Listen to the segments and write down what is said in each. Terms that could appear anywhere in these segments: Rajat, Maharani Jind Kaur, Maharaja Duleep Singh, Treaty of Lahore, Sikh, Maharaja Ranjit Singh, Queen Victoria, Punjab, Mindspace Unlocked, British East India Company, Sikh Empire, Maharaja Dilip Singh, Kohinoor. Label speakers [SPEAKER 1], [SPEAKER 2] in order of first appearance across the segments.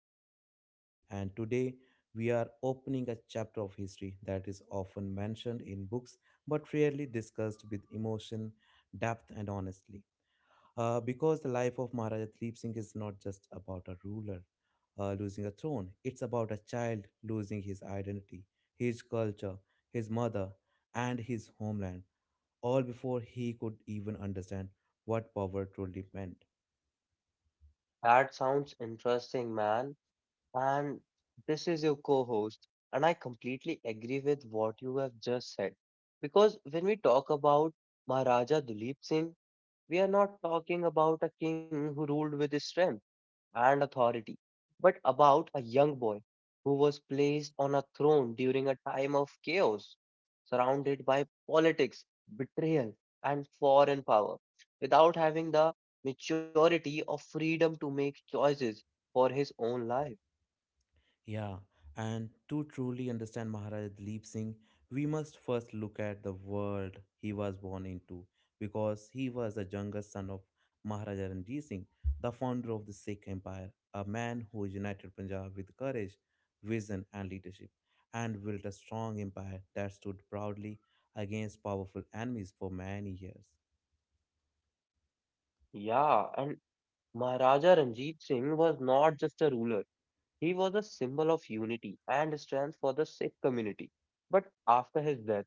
[SPEAKER 1] host Sukhpreet, and today we are opening a chapter of history that is often mentioned in books but rarely discussed with emotion, depth and honestly. Because the life of Maharaja Dilip Singh is not just about a ruler losing a throne, it's about a child losing his identity, his culture, his mother and his homeland, all before he could even understand what power truly meant.
[SPEAKER 2] That sounds interesting, man. And this is your co-host, and I completely agree with what you have just said. Because when we talk about Maharaja Duleep Singh, we are not talking about a king who ruled with his strength and authority, but about a young boy who was placed on a throne during a time of chaos, surrounded by politics, betrayal, and foreign power, without having the maturity or freedom to make choices for his own life.
[SPEAKER 1] Yeah, and to truly understand Maharaj Dilip Singh, we must first look at the world he was born into, because he was the youngest son of Maharaja Ranjit Singh, the founder of the Sikh Empire, a man who united Punjab with courage, vision, and leadership, and built a strong empire that stood proudly against powerful enemies for many years.
[SPEAKER 2] Yeah, and Maharaja Ranjit Singh was not just a ruler, he was a symbol of unity and strength for the Sikh community. But after his death,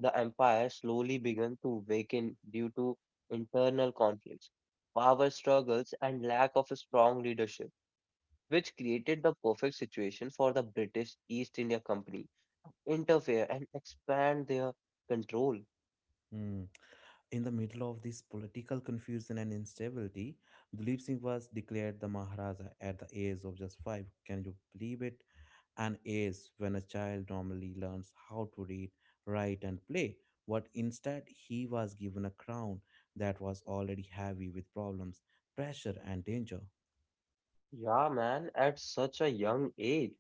[SPEAKER 2] the empire slowly began to weaken due to internal conflicts, power struggles, and lack of a strong leadership, which created the perfect situation for the British East India Company to interfere and expand their control.
[SPEAKER 1] Hmm. In the middle of this political confusion and instability, Dilip Singh was declared the Maharaja at the age of just five. Can you believe it? An age when a child normally learns how to read, write, and play. But instead, he was given a crown that was already heavy with problems, pressure, and danger.
[SPEAKER 2] Yeah, man, at such a young age,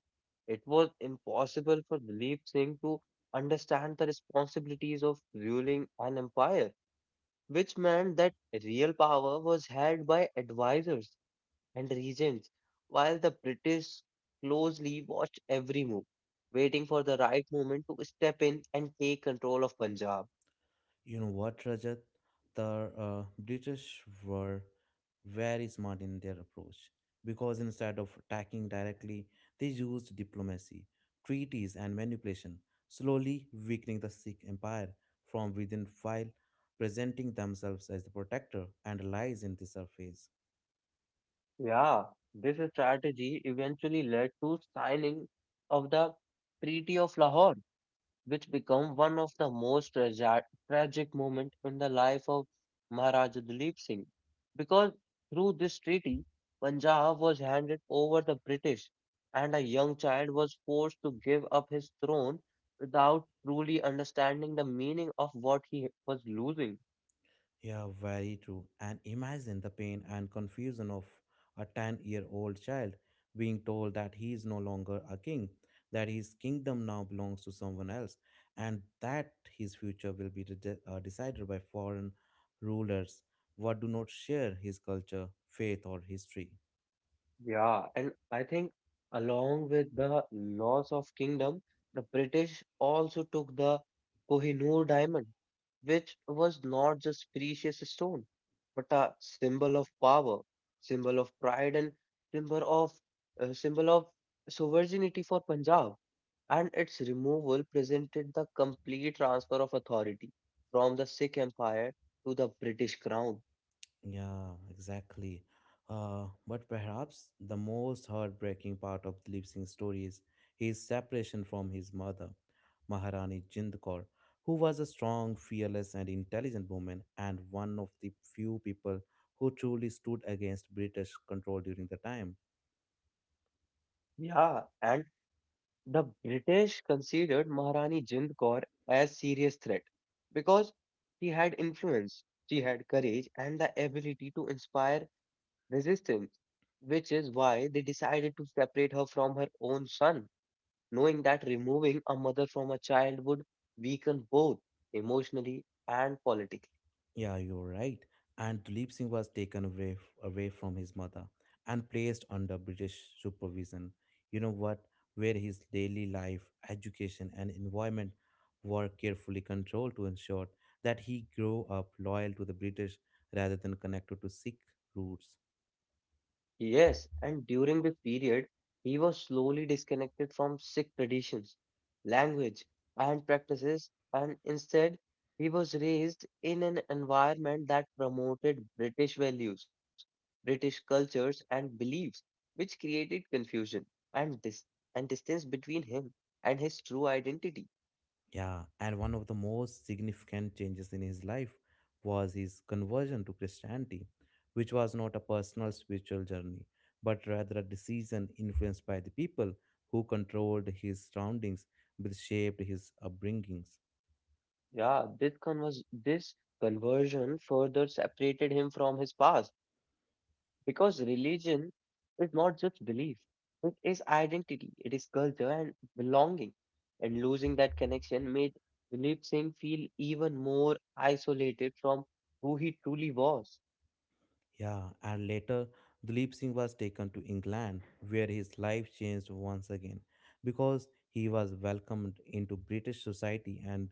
[SPEAKER 2] it was impossible for Dilip Singh to understand the responsibilities of ruling an empire, which meant that real power was held by advisors and regions, while the British closely watched every move, waiting for the right moment to step in and take control of Punjab.
[SPEAKER 1] You know what, Rajat? The British were very smart in their approach, because instead of attacking directly, they used diplomacy, treaties, and manipulation, slowly weakening the Sikh empire from within while presenting themselves as the protector and allies in this surface.
[SPEAKER 2] Yeah, this strategy eventually led to signing of the Treaty of Lahore, which become one of the most tragic moments in the life of Maharaja Dalip Singh. Because through this treaty, Punjab was handed over the British, and a young child was forced to give up his throne without truly understanding the meaning of what he was losing.
[SPEAKER 1] Yeah, very true. And imagine the pain and confusion of a 10-year-old child being told that he is no longer a king, that his kingdom now belongs to someone else, and that his future will be decided by foreign rulers what do not share his culture, faith, or history.
[SPEAKER 2] Yeah, and I think along with the loss of kingdom, the British also took the Kohinoor diamond, which was not just precious stone, but a symbol of power, symbol of pride, and symbol of symbol of sovereignty for Punjab. And its removal presented the complete transfer of authority from the Sikh Empire to the British Crown.
[SPEAKER 1] Yeah, exactly. But perhaps the most heartbreaking part of Dilip Singh's story is his separation from his mother, Maharani Jind Kaur, who was a strong, fearless, and intelligent woman and one of the few people who truly stood against British control during the time.
[SPEAKER 2] Yeah, and the British considered Maharani Jind Kaur as serious threat because she had influence, she had courage and the ability to inspire resistance, which is why they decided to separate her from her own son, knowing that removing a mother from a child would weaken both emotionally and politically.
[SPEAKER 1] Yeah, you're right. And Tulip Singh was taken away from his mother and placed under British supervision. You know what? Where his daily life, education, and environment were carefully controlled to ensure that he grew up loyal to the British rather than connected to Sikh roots.
[SPEAKER 2] Yes, and during this period, he was slowly disconnected from Sikh traditions, language, and practices, and instead, he was raised in an environment that promoted British values, British cultures, and beliefs, which created confusion and dis and distance between him and his true identity.
[SPEAKER 1] Yeah, and one of the most significant changes in his life was his conversion to Christianity, which was not a personal spiritual journey, but rather a decision influenced by the people who controlled his surroundings, which shaped his upbringings.
[SPEAKER 2] Yeah, this conversion further separated him from his past. Because religion is not just belief, it is identity, it is culture and belonging. And losing that connection made Dilip Singh feel even more isolated from who he truly was.
[SPEAKER 1] Yeah, and later Dilip Singh was taken to England, where his life changed once again because he was welcomed into British society and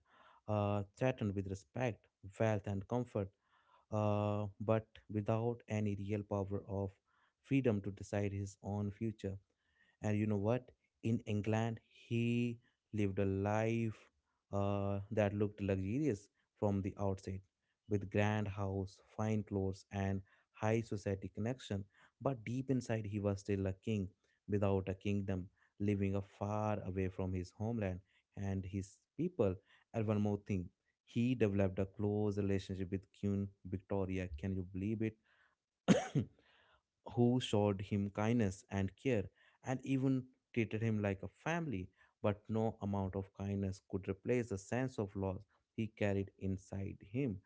[SPEAKER 1] threatened with respect, wealth, and comfort, but without any real power of freedom to decide his own future. And you know what? In England, he lived a life that looked luxurious from the outside, with grand house, fine clothes, and high society connection. But deep inside, he was still a king without a kingdom, living a far away from his homeland and his people. And one more thing, he developed a close relationship with Queen Victoria. Can you believe it? Who showed him kindness and care and even treated him like a family. But no amount of kindness could replace the sense of loss he carried inside him.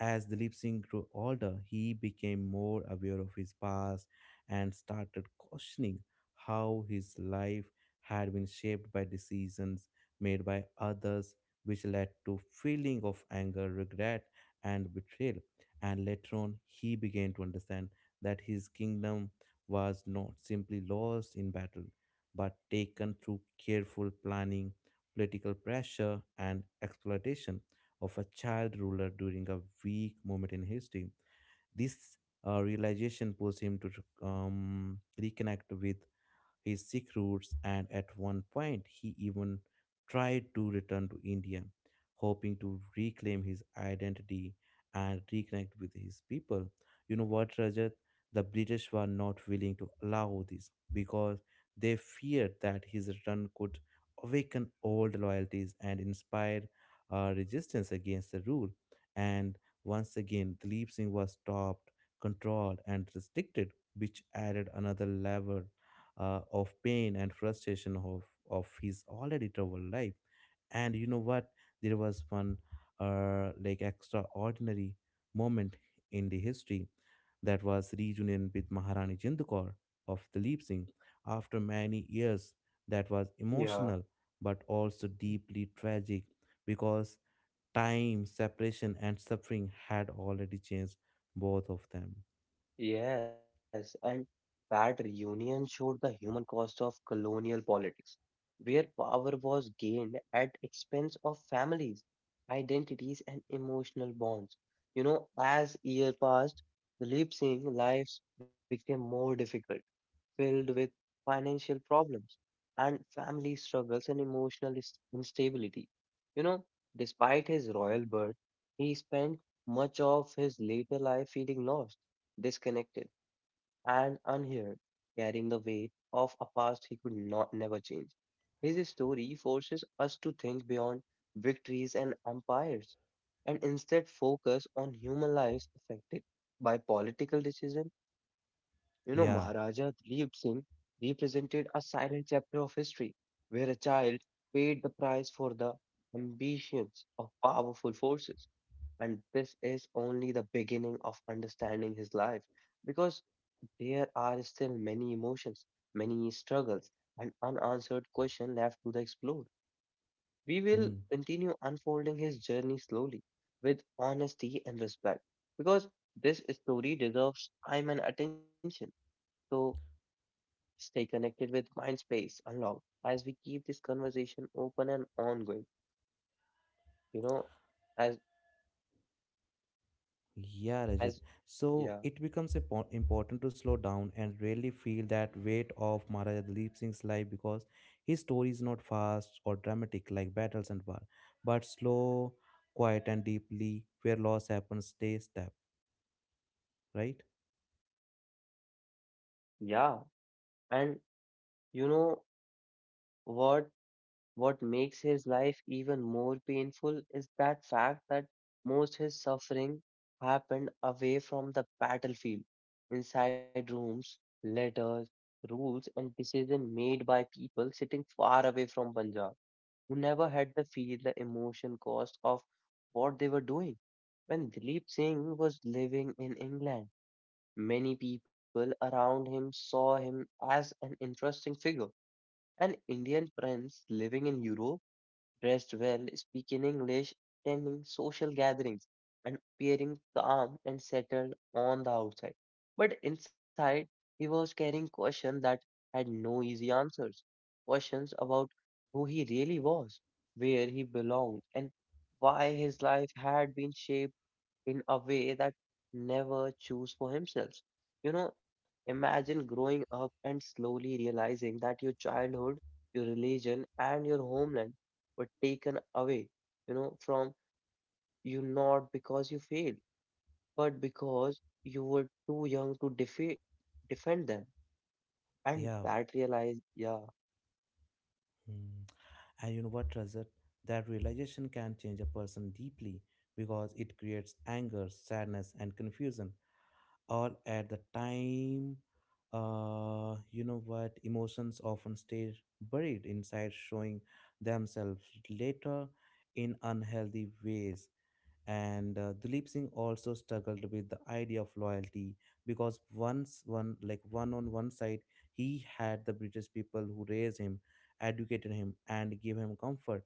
[SPEAKER 1] As Dilip Singh grew older, he became more aware of his past and started questioning how his life had been shaped by decisions made by others, which led to feeling of anger, regret, and betrayal. And later on he began to understand that his kingdom was not simply lost in battle, but taken through careful planning, political pressure, and exploitation of a child ruler during a weak moment in history. This realization pushed him to reconnect with his Sikh roots, and at one point, he even tried to return to India, hoping to reclaim his identity and reconnect with his people. You know what, Rajat? The British were not willing to allow this because they feared that his return could awaken old loyalties and inspire resistance against the rule. And once again, Dilip Singh was stopped, controlled, and restricted, which added another level of pain and frustration of his already troubled life. And you know what? There was one like extraordinary moment in the history, that was reunion with Maharani Jind Kaur of Dilip Singh after many years. That was
[SPEAKER 2] Yeah.
[SPEAKER 1] emotional but also deeply tragic because time, separation, and suffering had already changed both of them.
[SPEAKER 2] Yes, and that reunion showed the human cost of colonial politics, where power was gained at expense of families, identities, and emotional bonds. You know, as years passed, Dilip Singh lives became more difficult filled with financial problems and family struggles and emotional instability. You know, despite his royal birth, he spent much of his later life feeling lost, disconnected, and unheard, carrying the weight of a past he could not never change. His story forces us to think beyond victories and empires and instead focus on human lives affected by political decisions. You know,
[SPEAKER 1] Yeah.
[SPEAKER 2] Maharaja Dileep Singh represented a silent chapter of history where a child paid the price for the ambitions of powerful forces. And this is only the beginning of understanding his life because there are still many emotions, many struggles, and unanswered questions left to the explore. We will
[SPEAKER 1] Hmm.
[SPEAKER 2] continue unfolding his journey slowly with honesty and respect because this story deserves time and attention. So stay connected with Mindspace Unlocked as we keep this conversation open and ongoing. You know, as
[SPEAKER 1] Yeah, Rajat.
[SPEAKER 2] as
[SPEAKER 1] So
[SPEAKER 2] yeah,
[SPEAKER 1] it becomes important to slow down and really feel that weight of Maharaja Dalip Singh's life, because his story is not fast or dramatic like battles and war, but slow, quiet, and deeply where loss happens, stay step, right?
[SPEAKER 2] yeah, and you know what? What makes his life even more painful is that fact that most his suffering happened away from the battlefield, inside rooms, letters, rules, and decisions made by people sitting far away from Punjab, who never had to feel the emotion cost of what they were doing. When Dilip Singh was living in England, many people around him saw him as an interesting figure, an Indian prince living in Europe dressed well, speaking English, attending social gatherings, and appearing calm and settled on the outside. But inside, he was carrying questions that had no easy answers. Questions about who he really was, where he belonged, and why his life had been shaped in a way that never chose for himself. You know, imagine growing up and slowly realizing that your childhood, your religion, and your homeland were taken away, you know, from you not because you failed, but because you were too young to defend them. And
[SPEAKER 1] Yeah.
[SPEAKER 2] that realized, yeah,
[SPEAKER 1] Hmm. And you know what, Rajat? That realization can change a person deeply because it creates anger, sadness, and confusion all at the time. You know what? Emotions often stay buried inside, showing themselves later in unhealthy ways. And Dilip Singh also struggled with the idea of loyalty because once one like one on one side he had the British people who raised him, educated him, and gave him comfort,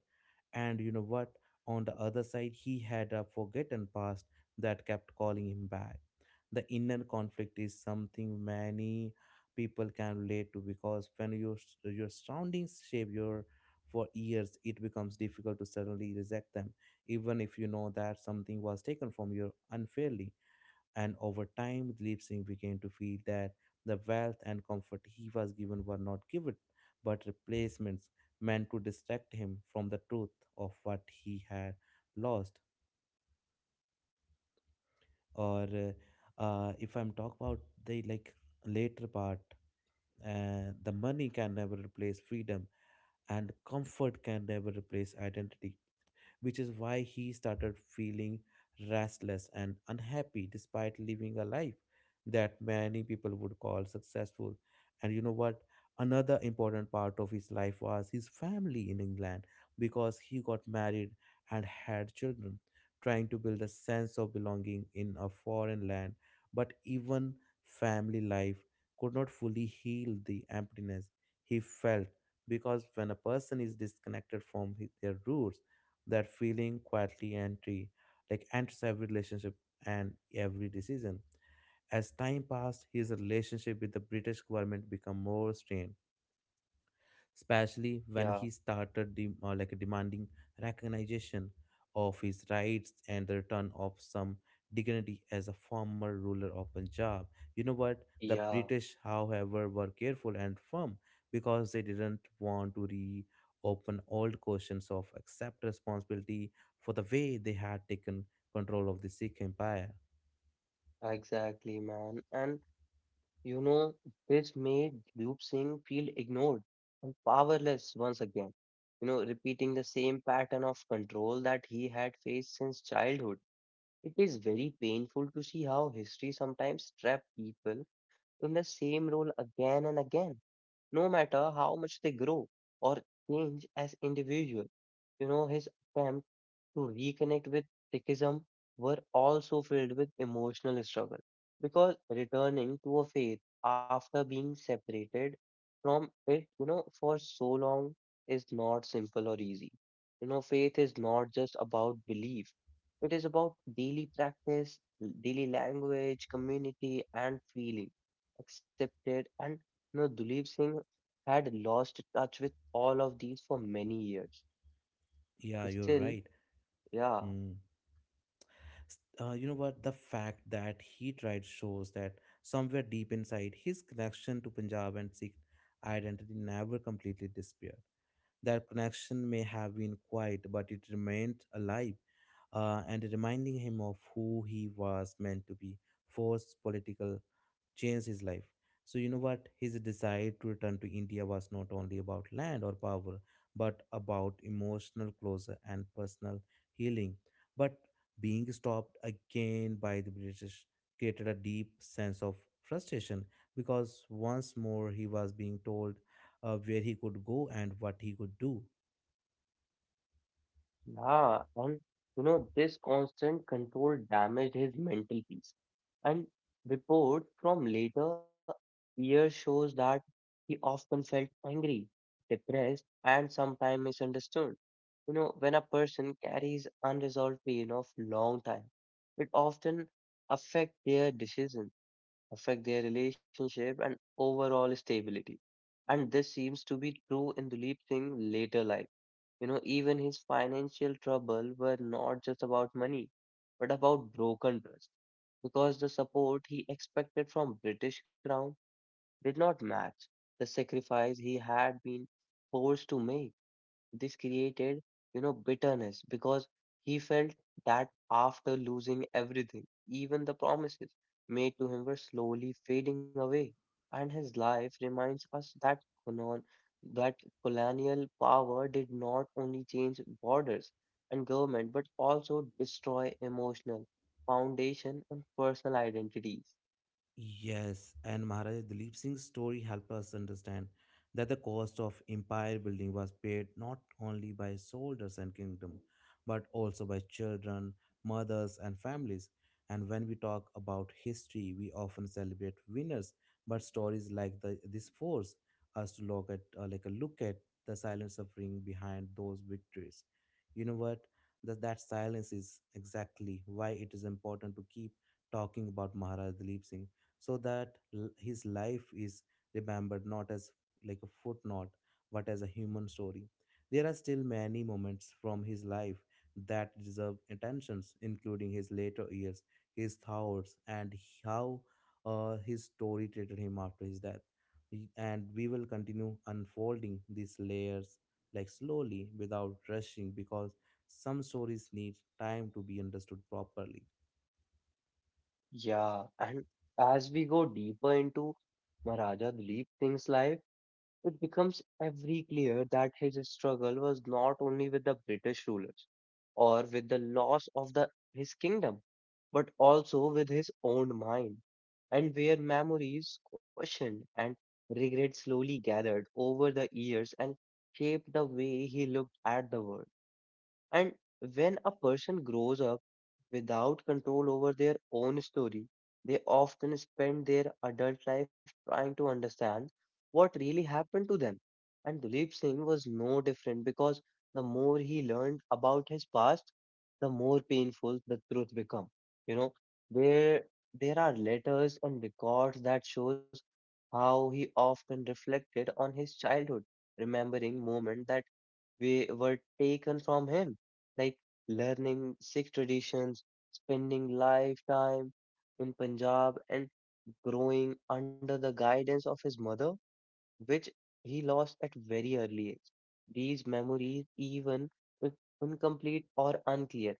[SPEAKER 1] and you know what on the other side he had a forgotten past that kept calling him back. The inner conflict is something many people can relate to because when your surroundings shape your for years, it becomes difficult to suddenly reject them even if you know that something was taken from you unfairly. And over time, Dilip Singh began to feel that the wealth and comfort he was given were not given, but replacements meant to distract him from the truth of what he had lost. Or if I'm talk about the like later part, the money can never replace freedom, and comfort can never replace identity, which is why he started feeling restless and unhappy despite living a life that many people would call successful. And you know what? Another important part of his life was his family in England because he got married and had children, trying to build a sense of belonging in a foreign land. But even family life could not fully heal the emptiness he felt, because when a person is disconnected from their roots, that feeling quietly entry like enters every relationship and every decision. As time passed, his relationship with the British government became more strained, especially when he
[SPEAKER 2] yeah,
[SPEAKER 1] started like demanding recognition of his rights and the return of some dignity as a former ruler of Punjab. You know what? The
[SPEAKER 2] yeah,
[SPEAKER 1] British, however, were careful and firm because they didn't want to reopen old questions of accept responsibility for the way they had taken control of the Sikh Empire.
[SPEAKER 2] exactly, man. And you know, this made Dhruv Singh feel ignored and powerless once again, you know, repeating the same pattern of control that he had faced since childhood. It is very painful to see how history sometimes traps people in the same role again and again no matter how much they grow or change as individual. You know, his attempt to reconnect with Sikhism were also filled with emotional struggle because returning to a faith after being separated from it, you know, for so long is not simple or easy. You know, faith is not just about belief, it is about daily practice, daily language, community, and feeling accepted. And you know, Dulip Singh had lost touch with all of these for many years.
[SPEAKER 1] Yeah, you're
[SPEAKER 2] Still,
[SPEAKER 1] right.
[SPEAKER 2] yeah,
[SPEAKER 1] Hmm. You know what, the fact that he tried shows that somewhere deep inside his connection to Punjab and Sikh identity never completely disappeared. That connection may have been quiet but it remained alive, and reminding him of who he was meant to be forced political changed his life. So, you know what? His desire to return to India was not only about land or power, but about emotional closure and personal healing. But being stopped again by the British created a deep sense of frustration because once more he was being told where he could go and what he could do.
[SPEAKER 2] yeah, and you know, this constant control damaged his mental peace. And reports from later years shows that he often felt angry, depressed, and sometimes misunderstood. You know, when a person carries unresolved pain of long time, it often affect their decisions affect their relationship and overall stability. And this seems to be true in Dilip Singh later life. You know, even his financial trouble were not just about money, but about broken trust, because the support he expected from British Crown did not match the sacrifice he had been forced to make. This created, you know, bitterness because he felt that after losing everything, even the promises made to him were slowly fading away. And his life reminds us that colon- that colonial power did not only change borders and government, but also destroy emotional foundation and personal identities.
[SPEAKER 1] Yes, and Maharaja Dalip Singh's story helps us understand that the cost of empire building was paid not only by soldiers and kingdom, but also by children, mothers, and families. And when we talk about history, we often celebrate winners, but stories like this force us to look at like a look at the silent suffering behind those victories. You know what? That silence is exactly why it is important to keep talking about Maharaja Dalip Singh so that his life is remembered not as like a footnote but as a human story. There are still many moments from his life that deserve attentions, including his later years, his thoughts, and how his story treated him after his death. And we will continue unfolding these layers like slowly without rushing because some stories need time to be understood properly.
[SPEAKER 2] Yeah, and as we go deeper into Maharaja Duleep Singh's life, it becomes every clear that his struggle was not only with the British rulers or with the loss of the, his kingdom, but also with his own mind, and where memories questioned and regret slowly gathered over the years and shaped the way he looked at the world. And when a person grows up without control over their own story, they often spend their adult life trying to understand what really happened to them. And Dulip Singh was no different because the more he learned about his past, the more painful the truth became. You know, there there are letters and records that shows how he often reflected on his childhood, remembering moments that we were taken from him like learning Sikh traditions, spending lifetime in Punjab, and growing under the guidance of his mother, which he lost at very early age. These memories, even if incomplete or unclear,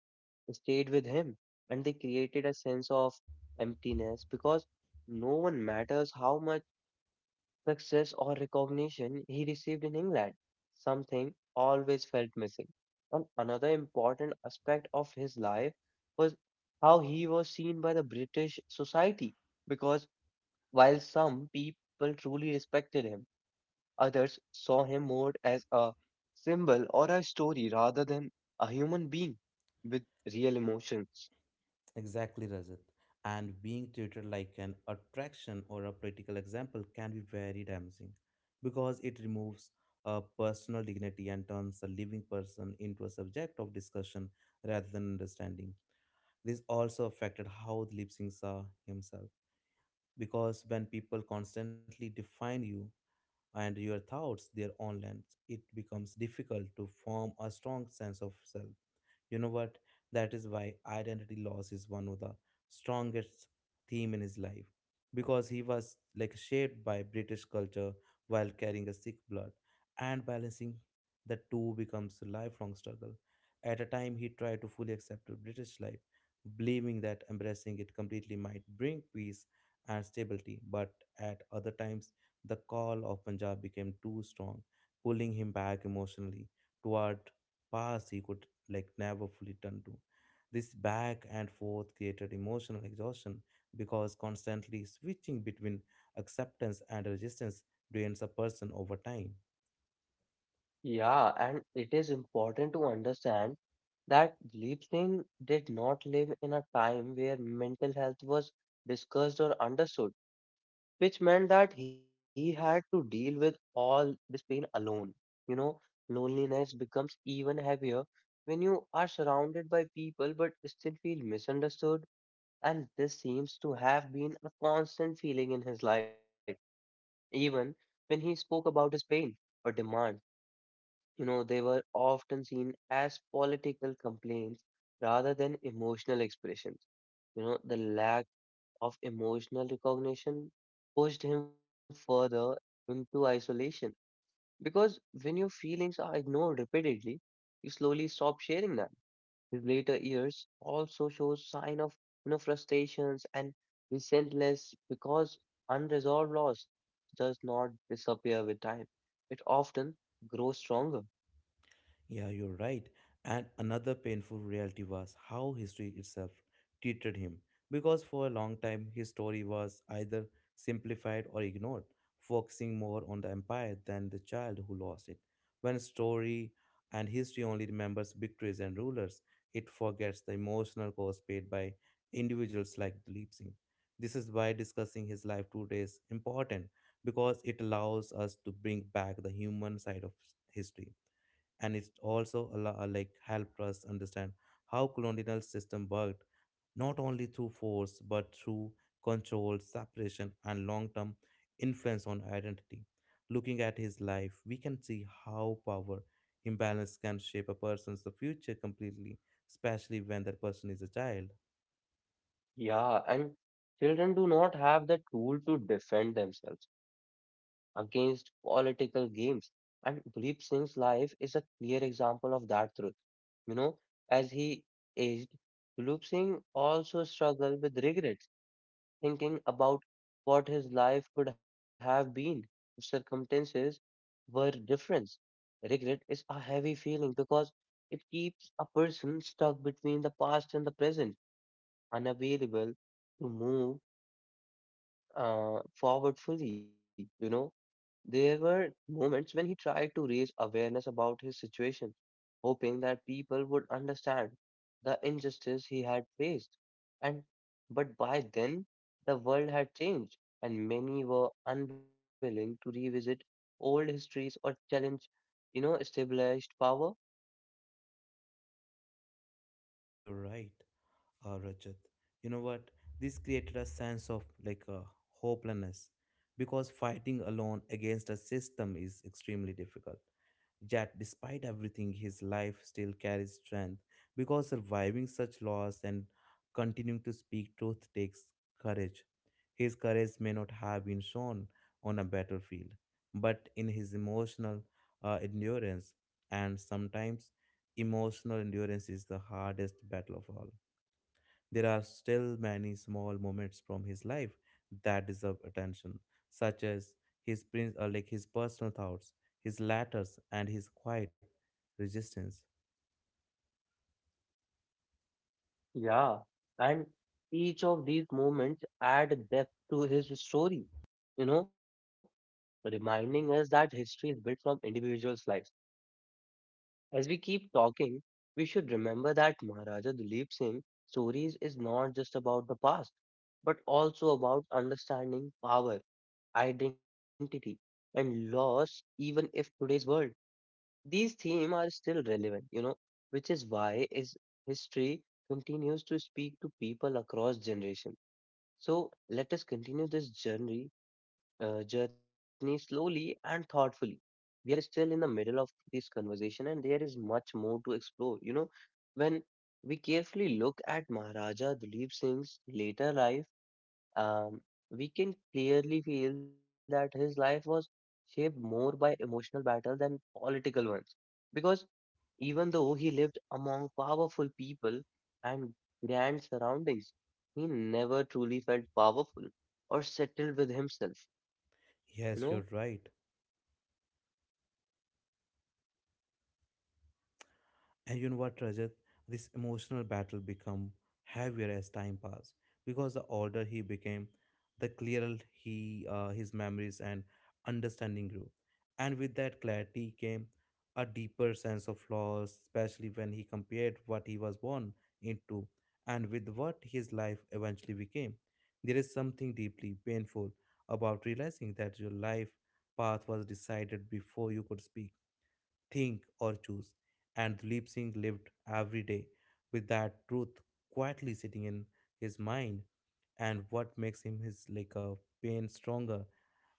[SPEAKER 2] stayed with him and they created a sense of emptiness because no one matters how much success, or recognition he received in England, something always felt missing. And another important aspect of his life was how he was seen by the British society, because while some people truly respected him, others saw him more as a symbol or a story rather than a human being with real emotions.
[SPEAKER 1] Exactly, Rajat. And being treated like an attraction or a political example can be very damaging because it removes a personal dignity and turns a living person into a subject of discussion rather than understanding. This also affected how the lip sync saw himself because when people constantly define you and your thoughts their own lens, it becomes difficult to form a strong sense of self. You know what? That is why identity loss is one of the strongest theme in his life because he was like shaped by British culture while carrying a Sikh blood, and balancing the two becomes a lifelong struggle. At a time he tried to fully accept the British life, believing that embracing it completely might bring peace and stability, but at other times the call of Punjab became too strong, pulling him back emotionally toward past he could never fully turned to. This back and forth created emotional exhaustion because constantly switching between acceptance and resistance drains a person over time.
[SPEAKER 2] Yeah, and it is important to understand that Leap did not live in a time where mental health was discussed or understood, which meant that he had to deal with all this pain alone. You know, loneliness becomes even heavier when you are surrounded by people but still feel misunderstood, and this seems to have been a constant feeling in his life, even when he spoke about his pain or demands. You know, they were often seen as political complaints rather than emotional expressions. You know, the lack of emotional recognition pushed him further into isolation because when your feelings are ignored repeatedly, you slowly stop sharing them. His later years also shows sign of, you know, frustrations and resentfulness because unresolved loss does not disappear with time. It often grows stronger.
[SPEAKER 1] Yeah, you're right. And another painful reality was how history itself treated him. Because for a long time, his story was either simplified or ignored, focusing more on the empire than the child who lost it. When story and history only remembers victories and rulers, it forgets the emotional cost paid by individuals like Dilip Singh. This is why discussing his life today is important because it allows us to bring back the human side of history, and it also allow, like helped us understand how colonial system worked not only through force but through control, separation, and long term influence on identity. Looking at his life, we can see how power imbalance can shape a person's future completely, especially when that person is a child.
[SPEAKER 2] Yeah, and children do not have the tool to defend themselves against political games. And Dilip Singh's life is a clear example of that truth. You know, as he aged, Dilip Singh also struggled with regrets, thinking about what his life could have been if circumstances were different. Regret is a heavy feeling because it keeps a person stuck between the past and the present, unavailable to move forward fully, you know. There were moments when he tried to raise awareness about his situation, hoping that people would understand the injustice he had faced. And but by then the world had changed, and many were unwilling to revisit old histories or challenge established power.
[SPEAKER 1] You're right, Rajat. You know what? This created a sense of like a hopelessness because fighting alone against a system is extremely difficult. Yet, despite everything, his life still carries strength because surviving such loss and continuing to speak truth takes courage. His courage may not have been shown on a battlefield, but in his emotional endurance, and sometimes emotional endurance is the hardest battle of all. There are still many small moments from his life that deserve attention, such as his prin- like his personal thoughts, his letters, and his quiet resistance.
[SPEAKER 2] Yeah, and each of these moments add depth to his story, you know, reminding us that history is built from individuals' lives. As we keep talking, we should remember that Maharaja Dalip Singh stories is not just about the past, but also about understanding power, identity, and loss, even if today's world these themes are still relevant, which is why is history continues to speak to people across generations. So let us continue this journey, journey slowly and thoughtfully. We are still in the middle of this conversation, and there is much more to explore. When we carefully look at Maharaja Duleep Singh's later life, um, we can clearly feel that his life was shaped more by emotional battle than political ones because even though he lived among powerful people and grand surroundings, he never truly felt powerful or settled with himself. You know,
[SPEAKER 1] Yes, you're right. And you know what, Rajat? This emotional battle become heavier as time passed because the older he became, the clearer he his memories and understanding grew. And with that clarity came a deeper sense of loss, especially when he compared what he was born into and with what his life eventually became. There is something deeply painful about realizing that your life path was decided before you could speak think or choose. And Dilip Singh lived every day with that truth quietly sitting in his mind. And what makes him his like a pain stronger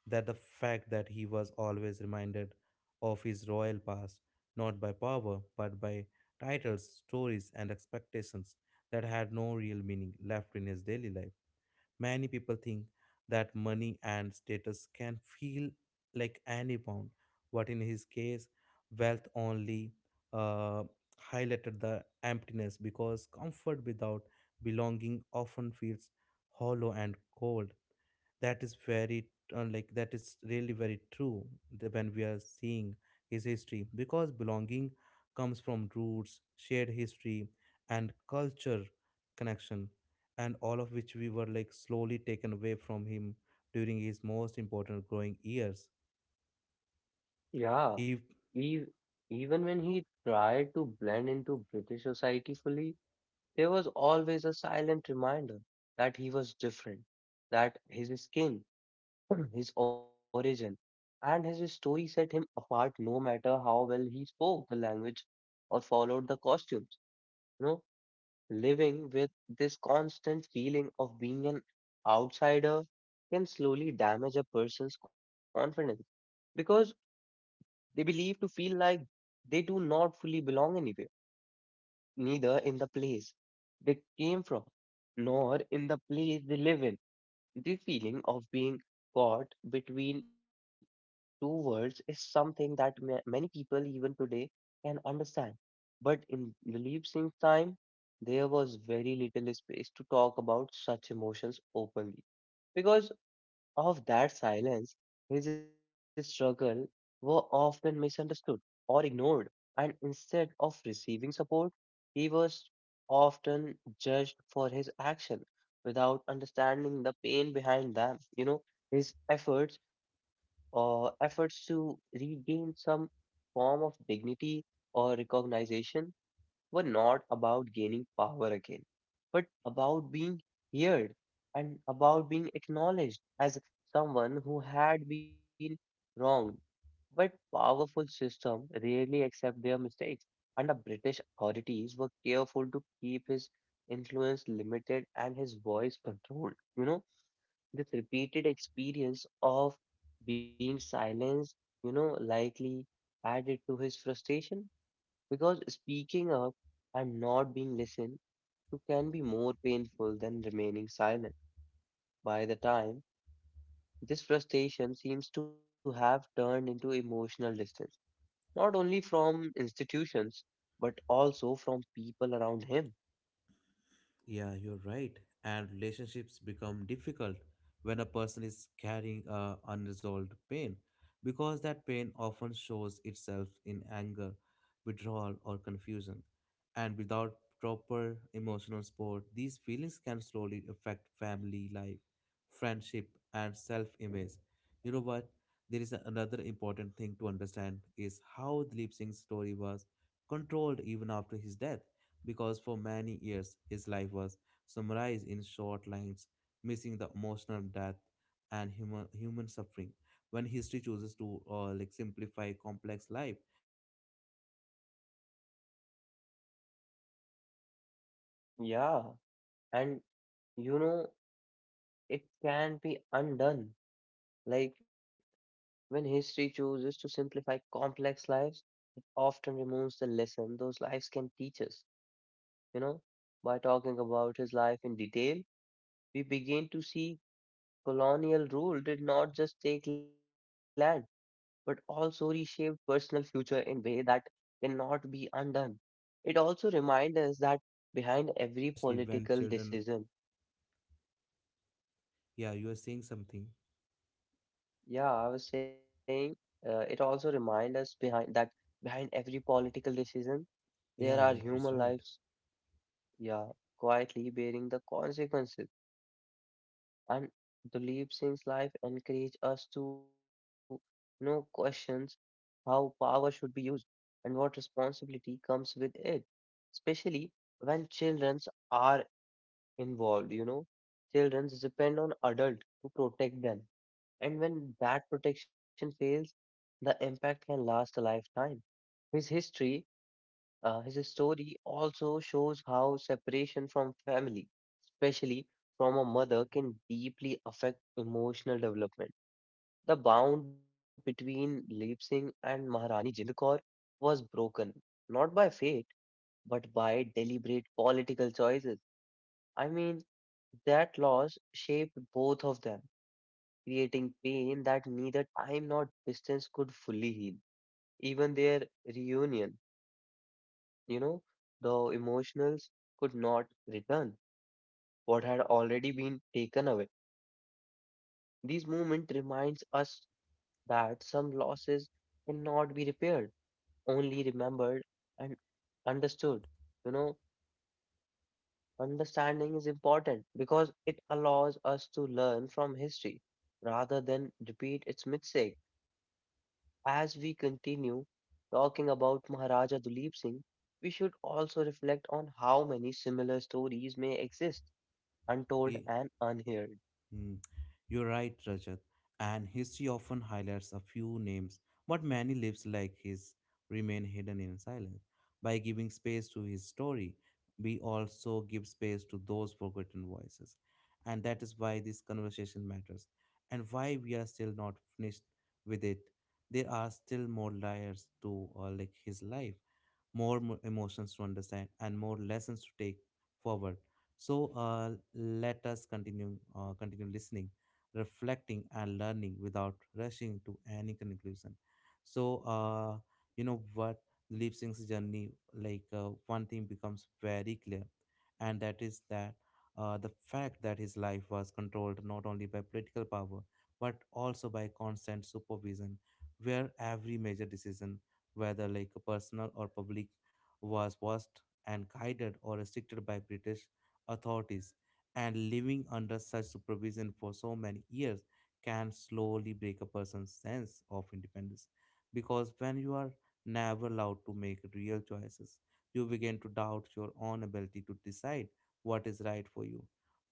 [SPEAKER 1] that the fact that he was always reminded of his royal past, not by power, but by titles, stories, and expectations that had no real meaning left in his daily life. Many people think that money and status can feel like any bound, but in his case, wealth only uh, highlighted the emptiness because comfort without belonging often feels hollow and cold. That is really very true when we are seeing his history because belonging comes from roots shared history and culture connection, and all of which we were slowly taken away from him during his most important growing years.
[SPEAKER 2] yeah,
[SPEAKER 1] If
[SPEAKER 2] e- even when he tried to blend into British society fully, there was always a silent reminder that he was different, that his skin, his origin, and his story set him apart no matter how well he spoke the language or followed the costumes. You know, living with this constant feeling of being an outsider can slowly damage a person's confidence because they believe to feel like they do not fully belong anywhere, neither in the place they came from, nor in the place they live in. The feeling of being caught between two words is something that many people even today can understand. But in Dilip Singh's time, there was very little space to talk about such emotions openly. Because of that silence, his struggle were often misunderstood or ignored, and instead of receiving support, he was often judged for his action without understanding the pain behind them. His efforts to regain some form of dignity or recognition were not about gaining power again, but about being heard and about being acknowledged as someone who had been wronged. But powerful systems rarely accept their mistakes, and the British authorities were careful to keep his influence limited and his voice controlled. This repeated experience of being silenced, likely added to his frustration because speaking up and not being listened to can be more painful than remaining silent. By the time, this frustration seems to have turned into emotional distance, not only from institutions, but also from people around him.
[SPEAKER 1] Yeah, you're right. And relationships become difficult when a person is carrying a unresolved pain because that pain often shows itself in anger, withdrawal, or confusion. And without proper emotional support, these feelings can slowly affect family life, friendship, and self-image. You know what? There is another important thing to understand is how Dilip Singh's story was controlled even after his death because for many years his life was summarized in short lines, missing the emotional depth and human suffering. When history chooses to simplify complex life, it often removes the lessons those lives can teach us. By talking
[SPEAKER 2] Yeah,
[SPEAKER 1] about his life in
[SPEAKER 2] and
[SPEAKER 1] detail,
[SPEAKER 2] you
[SPEAKER 1] uh,
[SPEAKER 2] know,
[SPEAKER 1] we
[SPEAKER 2] it can be
[SPEAKER 1] begin to
[SPEAKER 2] undone.
[SPEAKER 1] see how
[SPEAKER 2] Like
[SPEAKER 1] colonial rule
[SPEAKER 2] when
[SPEAKER 1] did not
[SPEAKER 2] history
[SPEAKER 1] just take
[SPEAKER 2] chooses to
[SPEAKER 1] land
[SPEAKER 2] simplify
[SPEAKER 1] but
[SPEAKER 2] complex
[SPEAKER 1] also
[SPEAKER 2] lives,
[SPEAKER 1] reshaped
[SPEAKER 2] it
[SPEAKER 1] personal
[SPEAKER 2] often
[SPEAKER 1] future
[SPEAKER 2] removes the lesson
[SPEAKER 1] in
[SPEAKER 2] those lives
[SPEAKER 1] ways
[SPEAKER 2] can
[SPEAKER 1] that
[SPEAKER 2] teach
[SPEAKER 1] cannot be
[SPEAKER 2] us.
[SPEAKER 1] undone.
[SPEAKER 2] You
[SPEAKER 1] It
[SPEAKER 2] know,
[SPEAKER 1] also
[SPEAKER 2] by
[SPEAKER 1] reminds us
[SPEAKER 2] talking
[SPEAKER 1] that
[SPEAKER 2] about his
[SPEAKER 1] behind
[SPEAKER 2] life in
[SPEAKER 1] every
[SPEAKER 2] detail,
[SPEAKER 1] political decision,
[SPEAKER 2] we begin
[SPEAKER 1] there are
[SPEAKER 2] to see
[SPEAKER 1] human lives quietly
[SPEAKER 2] colonial rule
[SPEAKER 1] bearing the
[SPEAKER 2] did not just
[SPEAKER 1] consequences,
[SPEAKER 2] take land,
[SPEAKER 1] and Deep
[SPEAKER 2] but
[SPEAKER 1] Singh's life
[SPEAKER 2] also reshaped
[SPEAKER 1] encourages us
[SPEAKER 2] personal
[SPEAKER 1] to
[SPEAKER 2] future
[SPEAKER 1] question
[SPEAKER 2] in
[SPEAKER 1] how
[SPEAKER 2] way
[SPEAKER 1] power
[SPEAKER 2] that
[SPEAKER 1] should be used
[SPEAKER 2] cannot be
[SPEAKER 1] and what
[SPEAKER 2] undone. It
[SPEAKER 1] responsibility
[SPEAKER 2] also
[SPEAKER 1] uh,
[SPEAKER 2] reminds us that
[SPEAKER 1] comes with it,
[SPEAKER 2] behind every
[SPEAKER 1] especially when
[SPEAKER 2] political
[SPEAKER 1] children.
[SPEAKER 2] decision,
[SPEAKER 1] Yeah, you are saying something.
[SPEAKER 2] yeah, I was saying, it also reminds us behind that behind every political decision,
[SPEAKER 1] Yeah,
[SPEAKER 2] there
[SPEAKER 1] yeah,
[SPEAKER 2] are
[SPEAKER 1] that's
[SPEAKER 2] human
[SPEAKER 1] right.
[SPEAKER 2] lives, yeah, quietly bearing the consequences. And Duleep Singh's life encourage us to questions how power should be used and what responsibility comes with it, especially when children are involved, you know. Children depend on adults to protect them, and when that protection fails, the impact can last a lifetime. His history his story also shows how separation from family, especially from a mother, can deeply affect emotional development. The bond between Leap Singh and Maharani Jind Kaur was broken, not by fate, but by deliberate political choices. I mean, that loss shaped both of them, creating pain that neither time nor distance could fully heal. Even their reunion, you know, the emotionals could not return what had already been taken away. These moments reminds us that some losses cannot be repaired, only remembered and understood. You know, understanding is important because it allows us to learn from history rather than repeat its mistake. As we continue talking about Maharaja Duleep Singh, we should also reflect on how many similar stories may exist untold
[SPEAKER 1] Yeah.
[SPEAKER 2] and unheard.
[SPEAKER 1] Hmm. You're right, Rajat. And history often highlights a few names, but many lives like his remain hidden in silence. By giving space to his story, we also give space to those forgotten voices. And that is why this conversation matters and why we are still not finished with it. There are still more layers to his life, emotions to understand and more lessons to take forward. So let us continue listening, reflecting and learning without rushing to any conclusion. So you know what, lip sync's journey, one thing becomes very clear, and that is that the fact that his life was controlled not only by political power but also by constant supervision where every major decision, whether personal or public, was watched and guided or restricted by British authorities. And living under such supervision for so many years can slowly break a person's sense of independence. Because when you are never allowed to make real choices, you begin to doubt your own ability to decide what is right for you.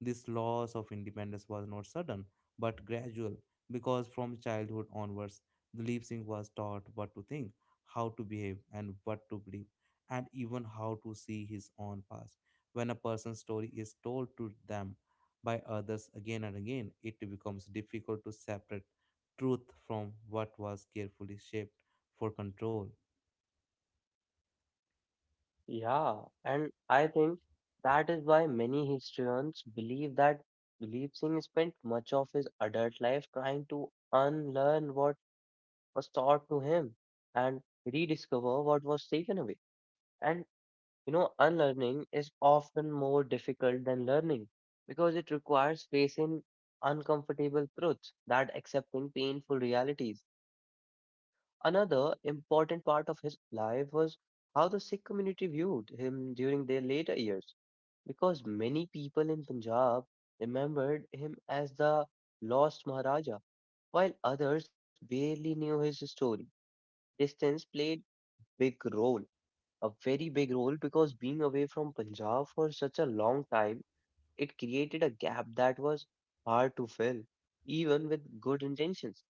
[SPEAKER 1] This loss of independence was not sudden but gradual because from childhood onwards, the Leipzig was taught what to think, how to behave and what to believe, and even how to see his own past. When a person's story is told to them by others again and again, it becomes difficult to separate truth from what was carefully shaped for control.
[SPEAKER 2] Yeah, and I think that is why many historians believe that Dilip Singh spent much of his adult life trying to unlearn what was taught to him and rediscover what was taken away. And you know, unlearning is often more difficult than learning because it requires facing uncomfortable truths that accepting painful realities. Another important part of his life was how the Sikh community viewed him during their later years, because many people in Punjab remembered him as the lost Maharaja, while others barely knew his story. Distance played big role, a very big role, because being away from Punjab for such a long time, it created a gap that was hard to fill, even with good intentions.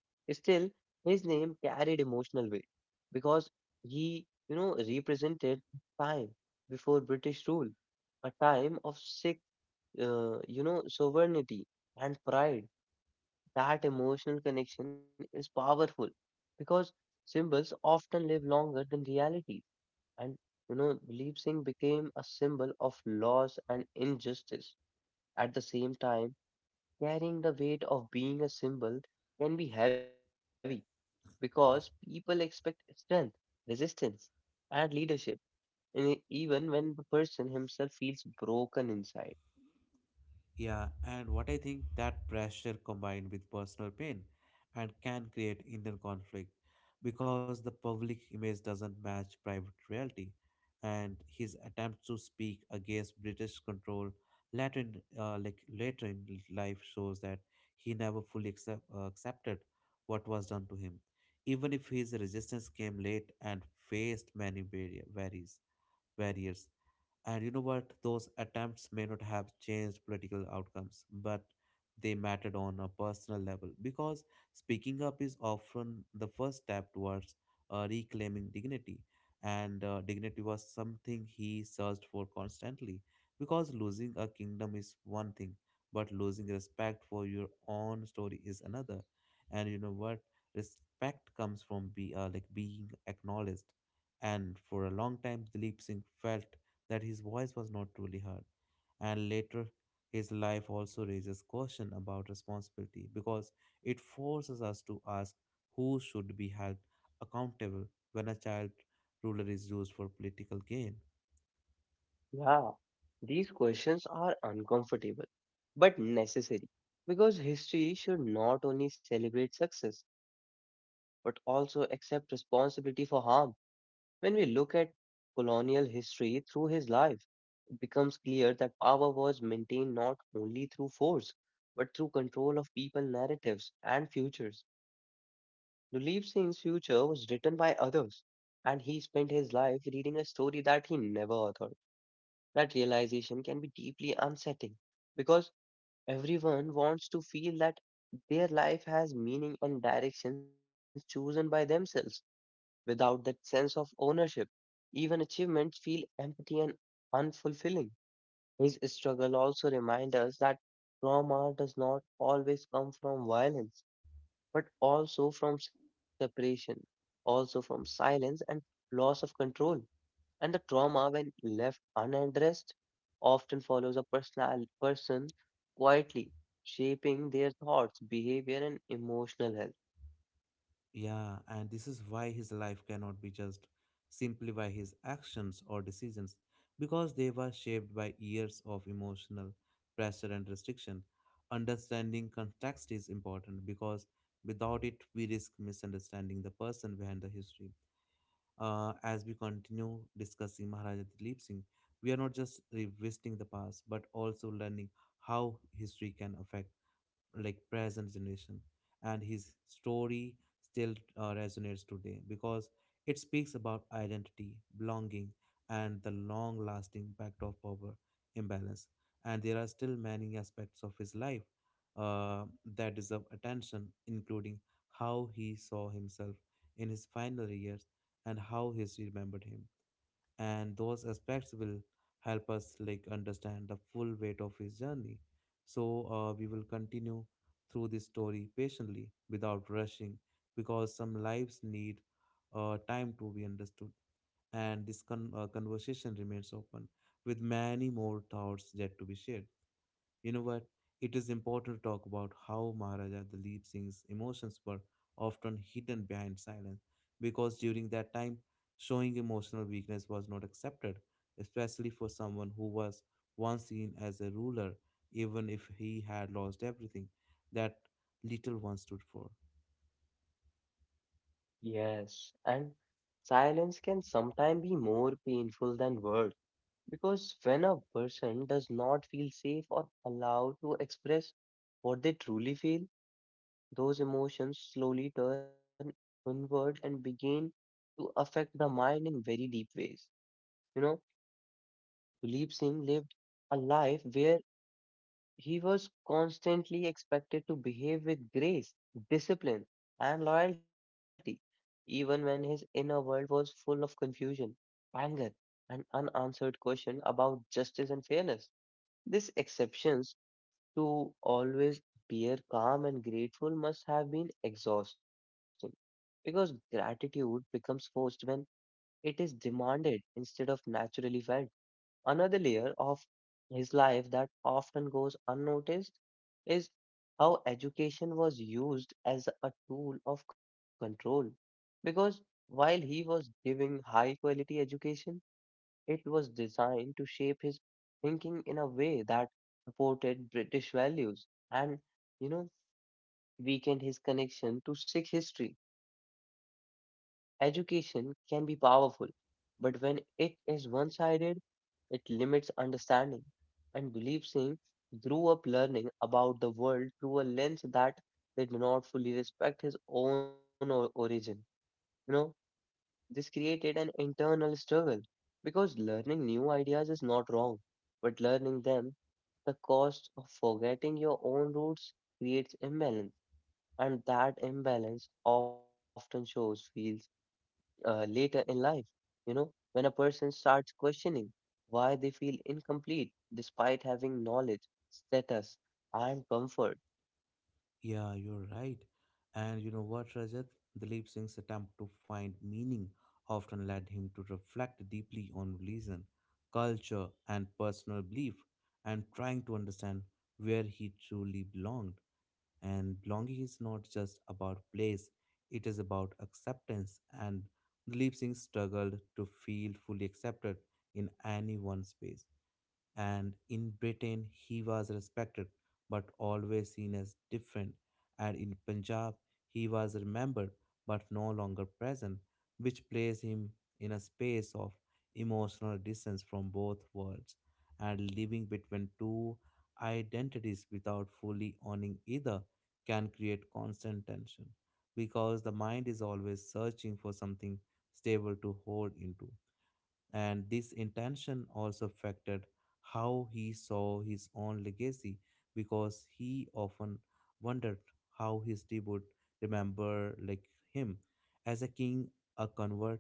[SPEAKER 2] Still, his name carried emotional weight because he, represented time before British rule, a time of sick, sovereignty and pride. That emotional connection is powerful because symbols often live longer than reality. And, Believe Singh became a symbol of loss and injustice. At the same time, carrying the weight of being a symbol can be heavy because people expect strength, resistance, and leadership, even when the person himself feels broken inside.
[SPEAKER 1] Yeah, and what I think that pressure combined with personal pain and can create inner conflict because the public image doesn't match private reality. And his attempt to speak against British control later in life shows that he never fully accepted what was done to him, even if his resistance came late and faced many barrier, barriers. Barriers. And you know what? Those attempts may not have changed political outcomes, but they mattered on a personal level because speaking up is often the first step towards reclaiming dignity. And dignity was something he searched for constantly because losing a kingdom is one thing, but losing respect for your own story is another. And you know what? Respect comes from be, like being acknowledged. And for a long time, Dilip Singh felt that his voice was not truly heard. And later, his life also raises question about responsibility because it forces us to ask who should be held accountable when a child ruler is used for political gain.
[SPEAKER 2] Yeah, these questions are uncomfortable but necessary because history should not only celebrate success but also accept responsibility for harm. When we look at colonial history through his life, becomes clear that power was maintained not only through force, but through control of people narratives and futures. Nulip Singh's future was written by others, and he spent his life reading a story that he never authored. That realization can be deeply unsettling because everyone wants to feel that their life has meaning and directions chosen by themselves. Without that sense of ownership, even achievements feel empty and unfulfilling. His struggle also reminds us that trauma does not always come from violence, but also from separation, also from silence and loss of control. And the trauma, when left unaddressed, often follows a personal person quietly, shaping their thoughts, behavior, and emotional health.
[SPEAKER 1] Yeah, and this is why his life cannot be judged simply by his actions or decisions, because they were shaped by years of emotional pressure and restriction. Understanding context is important because without it, we risk misunderstanding the person behind the history. As we continue discussing Maharaja Dilip Singh, we are not just revisiting the past but also learning how history can affect present generation. And his story still resonates today because it speaks about identity belonging and the long lasting impact of power imbalance. And there are still many aspects of his life uh, that deserve attention, including how he saw himself in his final years and how history remembered him, and those aspects will help us understand the full weight of his journey. So we will continue through this story patiently without rushing because some lives need time to be understood, and this conversation remains open with many more thoughts yet to be shared. You know what? It is important to talk about how Maharaja Dalip Singh's emotions were often hidden behind silence because during that time, showing emotional weakness was not accepted, especially for someone who was once seen as a ruler, even if he had lost everything that little one stood for.
[SPEAKER 2] Yes, and silence can sometimes be more painful than words. Because when a person does not feel safe or allowed to express what they truly feel, those emotions slowly turn inward and begin to affect the mind in very deep ways. You know, Tulip Singh lived a life where he was constantly expected to behave with grace, discipline, and loyalty, even when his inner world was full of confusion, anger, and unanswered questions about justice and fairness. These exceptions to always appear calm and grateful must have been exhausting because gratitude becomes forced when it is demanded instead of naturally felt. Another layer of his life that often goes unnoticed is how education was used as a tool of control because while he was giving high quality education it was designed to shape his thinking in a way that supported British values and, you know, weakened his connection to Sikh history. Education can be powerful, but when it is one sided, it limits understanding. And Believe Singh grew up learning about the world through a lens that did not fully respect his own origin. You know, this created an internal struggle because learning new ideas is not wrong, but learning them the cost of forgetting your own roots creates imbalance, and that imbalance often shows feels later in life. You know, when a person starts questioning why they feel incomplete despite having knowledge, status, and comfort.
[SPEAKER 1] Yeah, you're right. And you know what, Rajat? Dilip Singh's attempt to find meaning often led him to reflect deeply on religion, culture, and personal belief, and trying to understand where he truly belonged. And belonging is not just about place, it is about acceptance. And Dilip Singh struggled to feel fully accepted in any one space. And in Britain he was respected but always seen as different, and in Punjab he was remembered but no longer present, which placed him in a space of emotional distance from both worlds. And living between two identities without fully owning either can create constant tension because the mind is always searching for something stable to hold into. And this intention also affected how he saw his own legacy because he often wondered how history would remember him, as a king, a convert,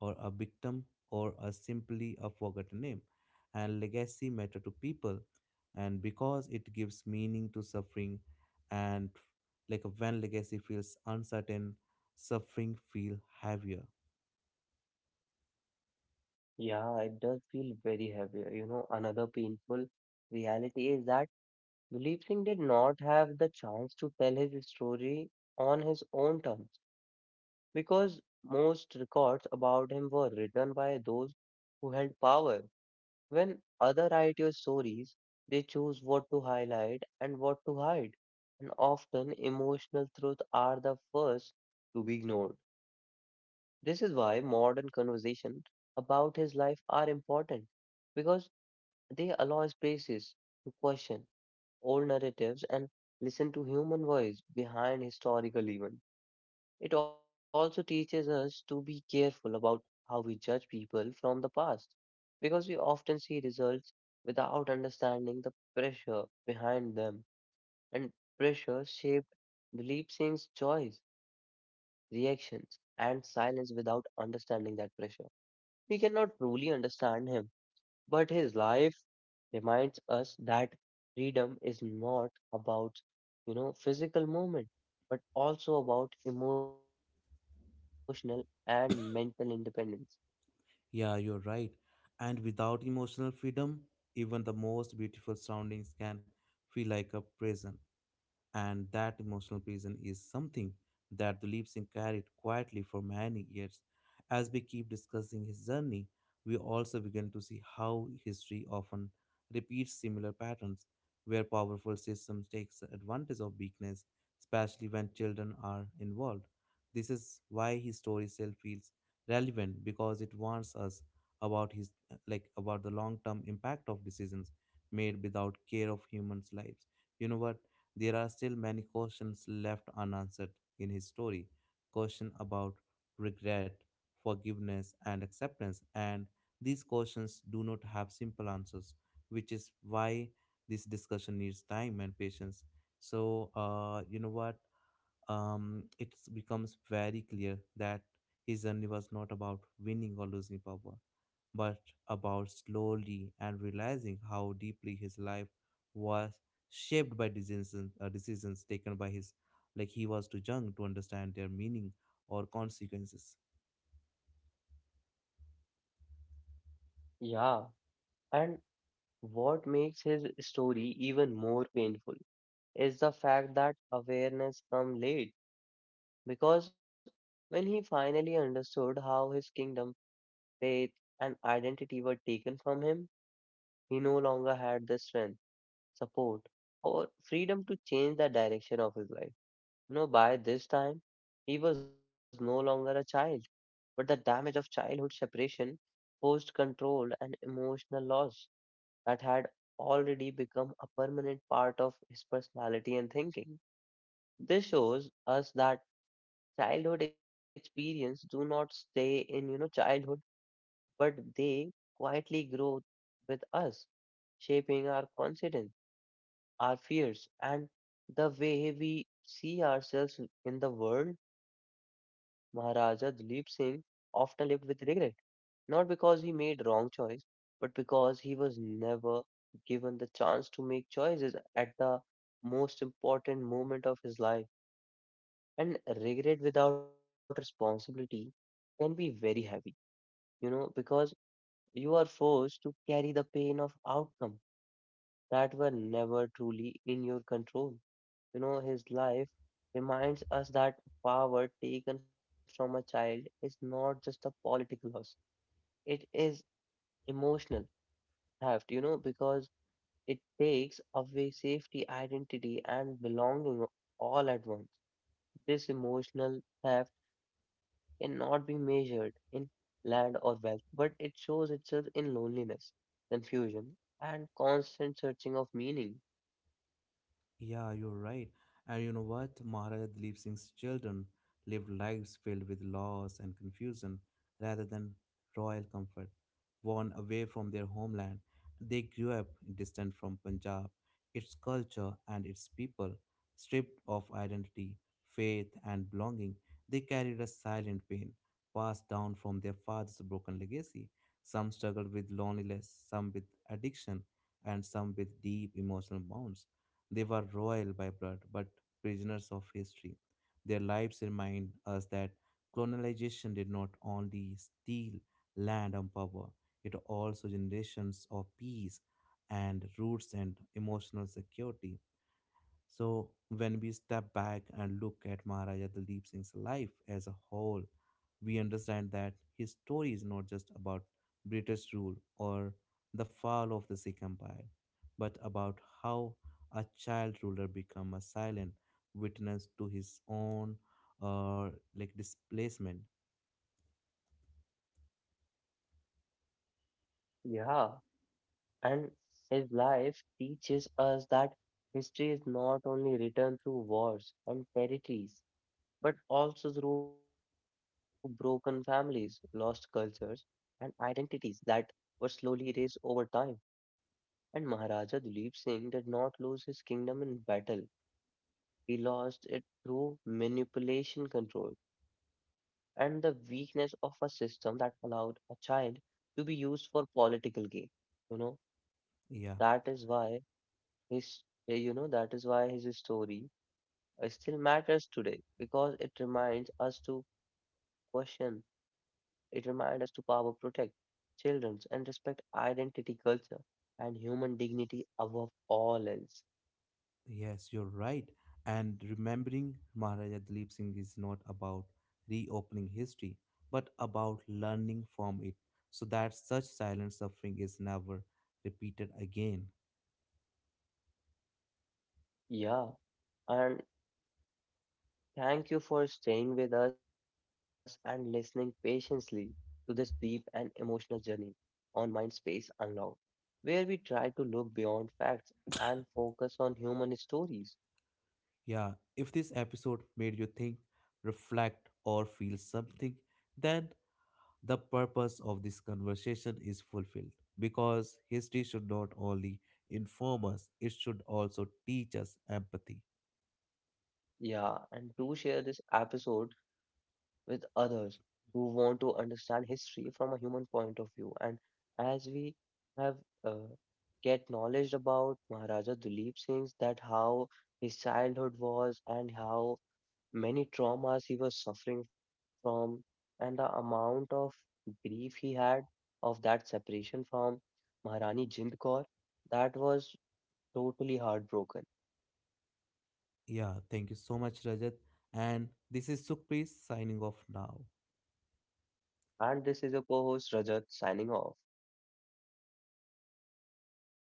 [SPEAKER 1] or a victim, or a simply a forgotten name. And legacy matter to people and because it gives meaning to suffering, and when legacy feels uncertain suffering feel heavier.
[SPEAKER 2] Yeah, it does feel very heavy. You know, another painful reality is that Dilip Singh did not have the chance to tell his story on his own terms because most records about him were written by those who held power. When other write your stories, they choose what to highlight and what to hide, and often emotional truths are the first to be ignored. This is why modern conversations about his life are important because they allow spaces to question old narratives and listen to human voice behind historical events. It also teaches us to be careful about how we judge people from the past because we often see results without understanding the pressure behind them and pressure shaped belief sinks choice reactions and silence without understanding that pressure we cannot truly understand him but his life reminds us that freedom is not about, physical movement, but also about emotional and mental independence.
[SPEAKER 1] Yeah, you're right. And without emotional freedom, even the most beautiful surroundings can feel like a prison, and that emotional prison is something that the lip sync carried quietly for many years. As we keep discussing his journey, we also begin to see how history often repeats similar patterns, where powerful systems takes advantage of weakness, especially when children are involved. This is why his story still feels relevant because it warns us about his like about the long-term impact of decisions made without care of humans' lives. You know what? There are still many questions left unanswered in his story, questions about regret, forgiveness, and acceptance. And these questions do not have simple answers, which is why this discussion needs time and patience. So, you know what? It becomes very clear that his journey was not about winning or losing power but about slowly and realizing how deeply his life was shaped by decisions taken by his he was too young to understand their meaning or consequences.
[SPEAKER 2] Yeah, and what makes his story even more painful is the fact that awareness come late because when he finally understood how his kingdom, faith, and identity were taken from him, he no longer had the strength support, or freedom to change the direction of his life. You know, by this time, he was no longer a child, but the damage of childhood separation, forced control, and emotional loss that had already become a permanent part of his personality and thinking. This shows us that childhood experience do not stay in, childhood, but they quietly grow with us, shaping our confidence our fears, and the way we see ourselves in the world. Maharaja Dilip Singh often lived with regret, not because he made wrong choice, but because he was never given the chance to make choices at the most important moment of his life. And regret without responsibility can be very heavy, because you are forced to carry the pain of outcome that were never truly in your control. His life reminds us that power taken from a child is not just a political loss, it is emotional theft, because it takes away safety, identity, and belonging all at once. This emotional theft cannot be measured in land or wealth, but it shows itself in loneliness, confusion, and constant searching of meaning.
[SPEAKER 1] Yeah, you're right. And you know what? Maharaja Dalip Singh's children lived lives filled with loss and confusion rather than royal comfort. Worn away from their homeland, they grew up distant from Punjab, its culture and its people. Stripped of identity, faith, and belonging, they carried a silent pain passed down from their father's broken legacy. Some struggled with loneliness, some with addiction, and some with deep emotional wounds. They were royal by blood, but prisoners of history. Their lives remind us that colonization did not only steal land and power, it also generations of peace and roots and emotional security. So when we step back and look at Maharaja Daldeep Singh's life as a whole, we understand that his story is not just about British rule or the fall of the Sikh Empire, but about how a child ruler became a silent witness to his own uh, displacement.
[SPEAKER 2] Yeah, and his life teaches us that history is not only written through wars and territories, but also through broken families, lost cultures, and identities that were slowly erased over time. And Maharaja Duleep Singh did not lose his kingdom in battle, he lost it through manipulation control and the weakness of a system that allowed a child to be used for political gain. You know,
[SPEAKER 1] Yeah.
[SPEAKER 2] that is why His, eh, you know, that is why his story still matters today because it reminds us to question, it reminds us to power protect children and respect identity, culture, and human dignity above all else.
[SPEAKER 1] Yes, you're right. And remembering Maharaja Dalip Singh is not about reopening history, but about learning from it so that such silent suffering is never repeated again.
[SPEAKER 2] Yeah, and thank you for staying with us and listening patiently to this deep and emotional journey on Mind Space Unlocked, where we try to look beyond facts and focus on human stories.
[SPEAKER 1] Yeah, if this episode made you think, reflect, or feel something, then the purpose of this conversation is fulfilled because history should not only inform us, it should also teach us empathy.
[SPEAKER 2] Yeah, and do share this episode with others who want to understand history from a human point of view. And as we have uh, get knowledge about Maharaja Duleep Singh, that how his childhood was and how many traumas he was suffering from, and the amount of grief he had of that separation from Maharani Jind Kaur, that was totally heartbroken.
[SPEAKER 1] Yeah, thank you so much, Rajat. And this is Sukhpreet signing off now.
[SPEAKER 2] And this is your co-host Rajat signing off.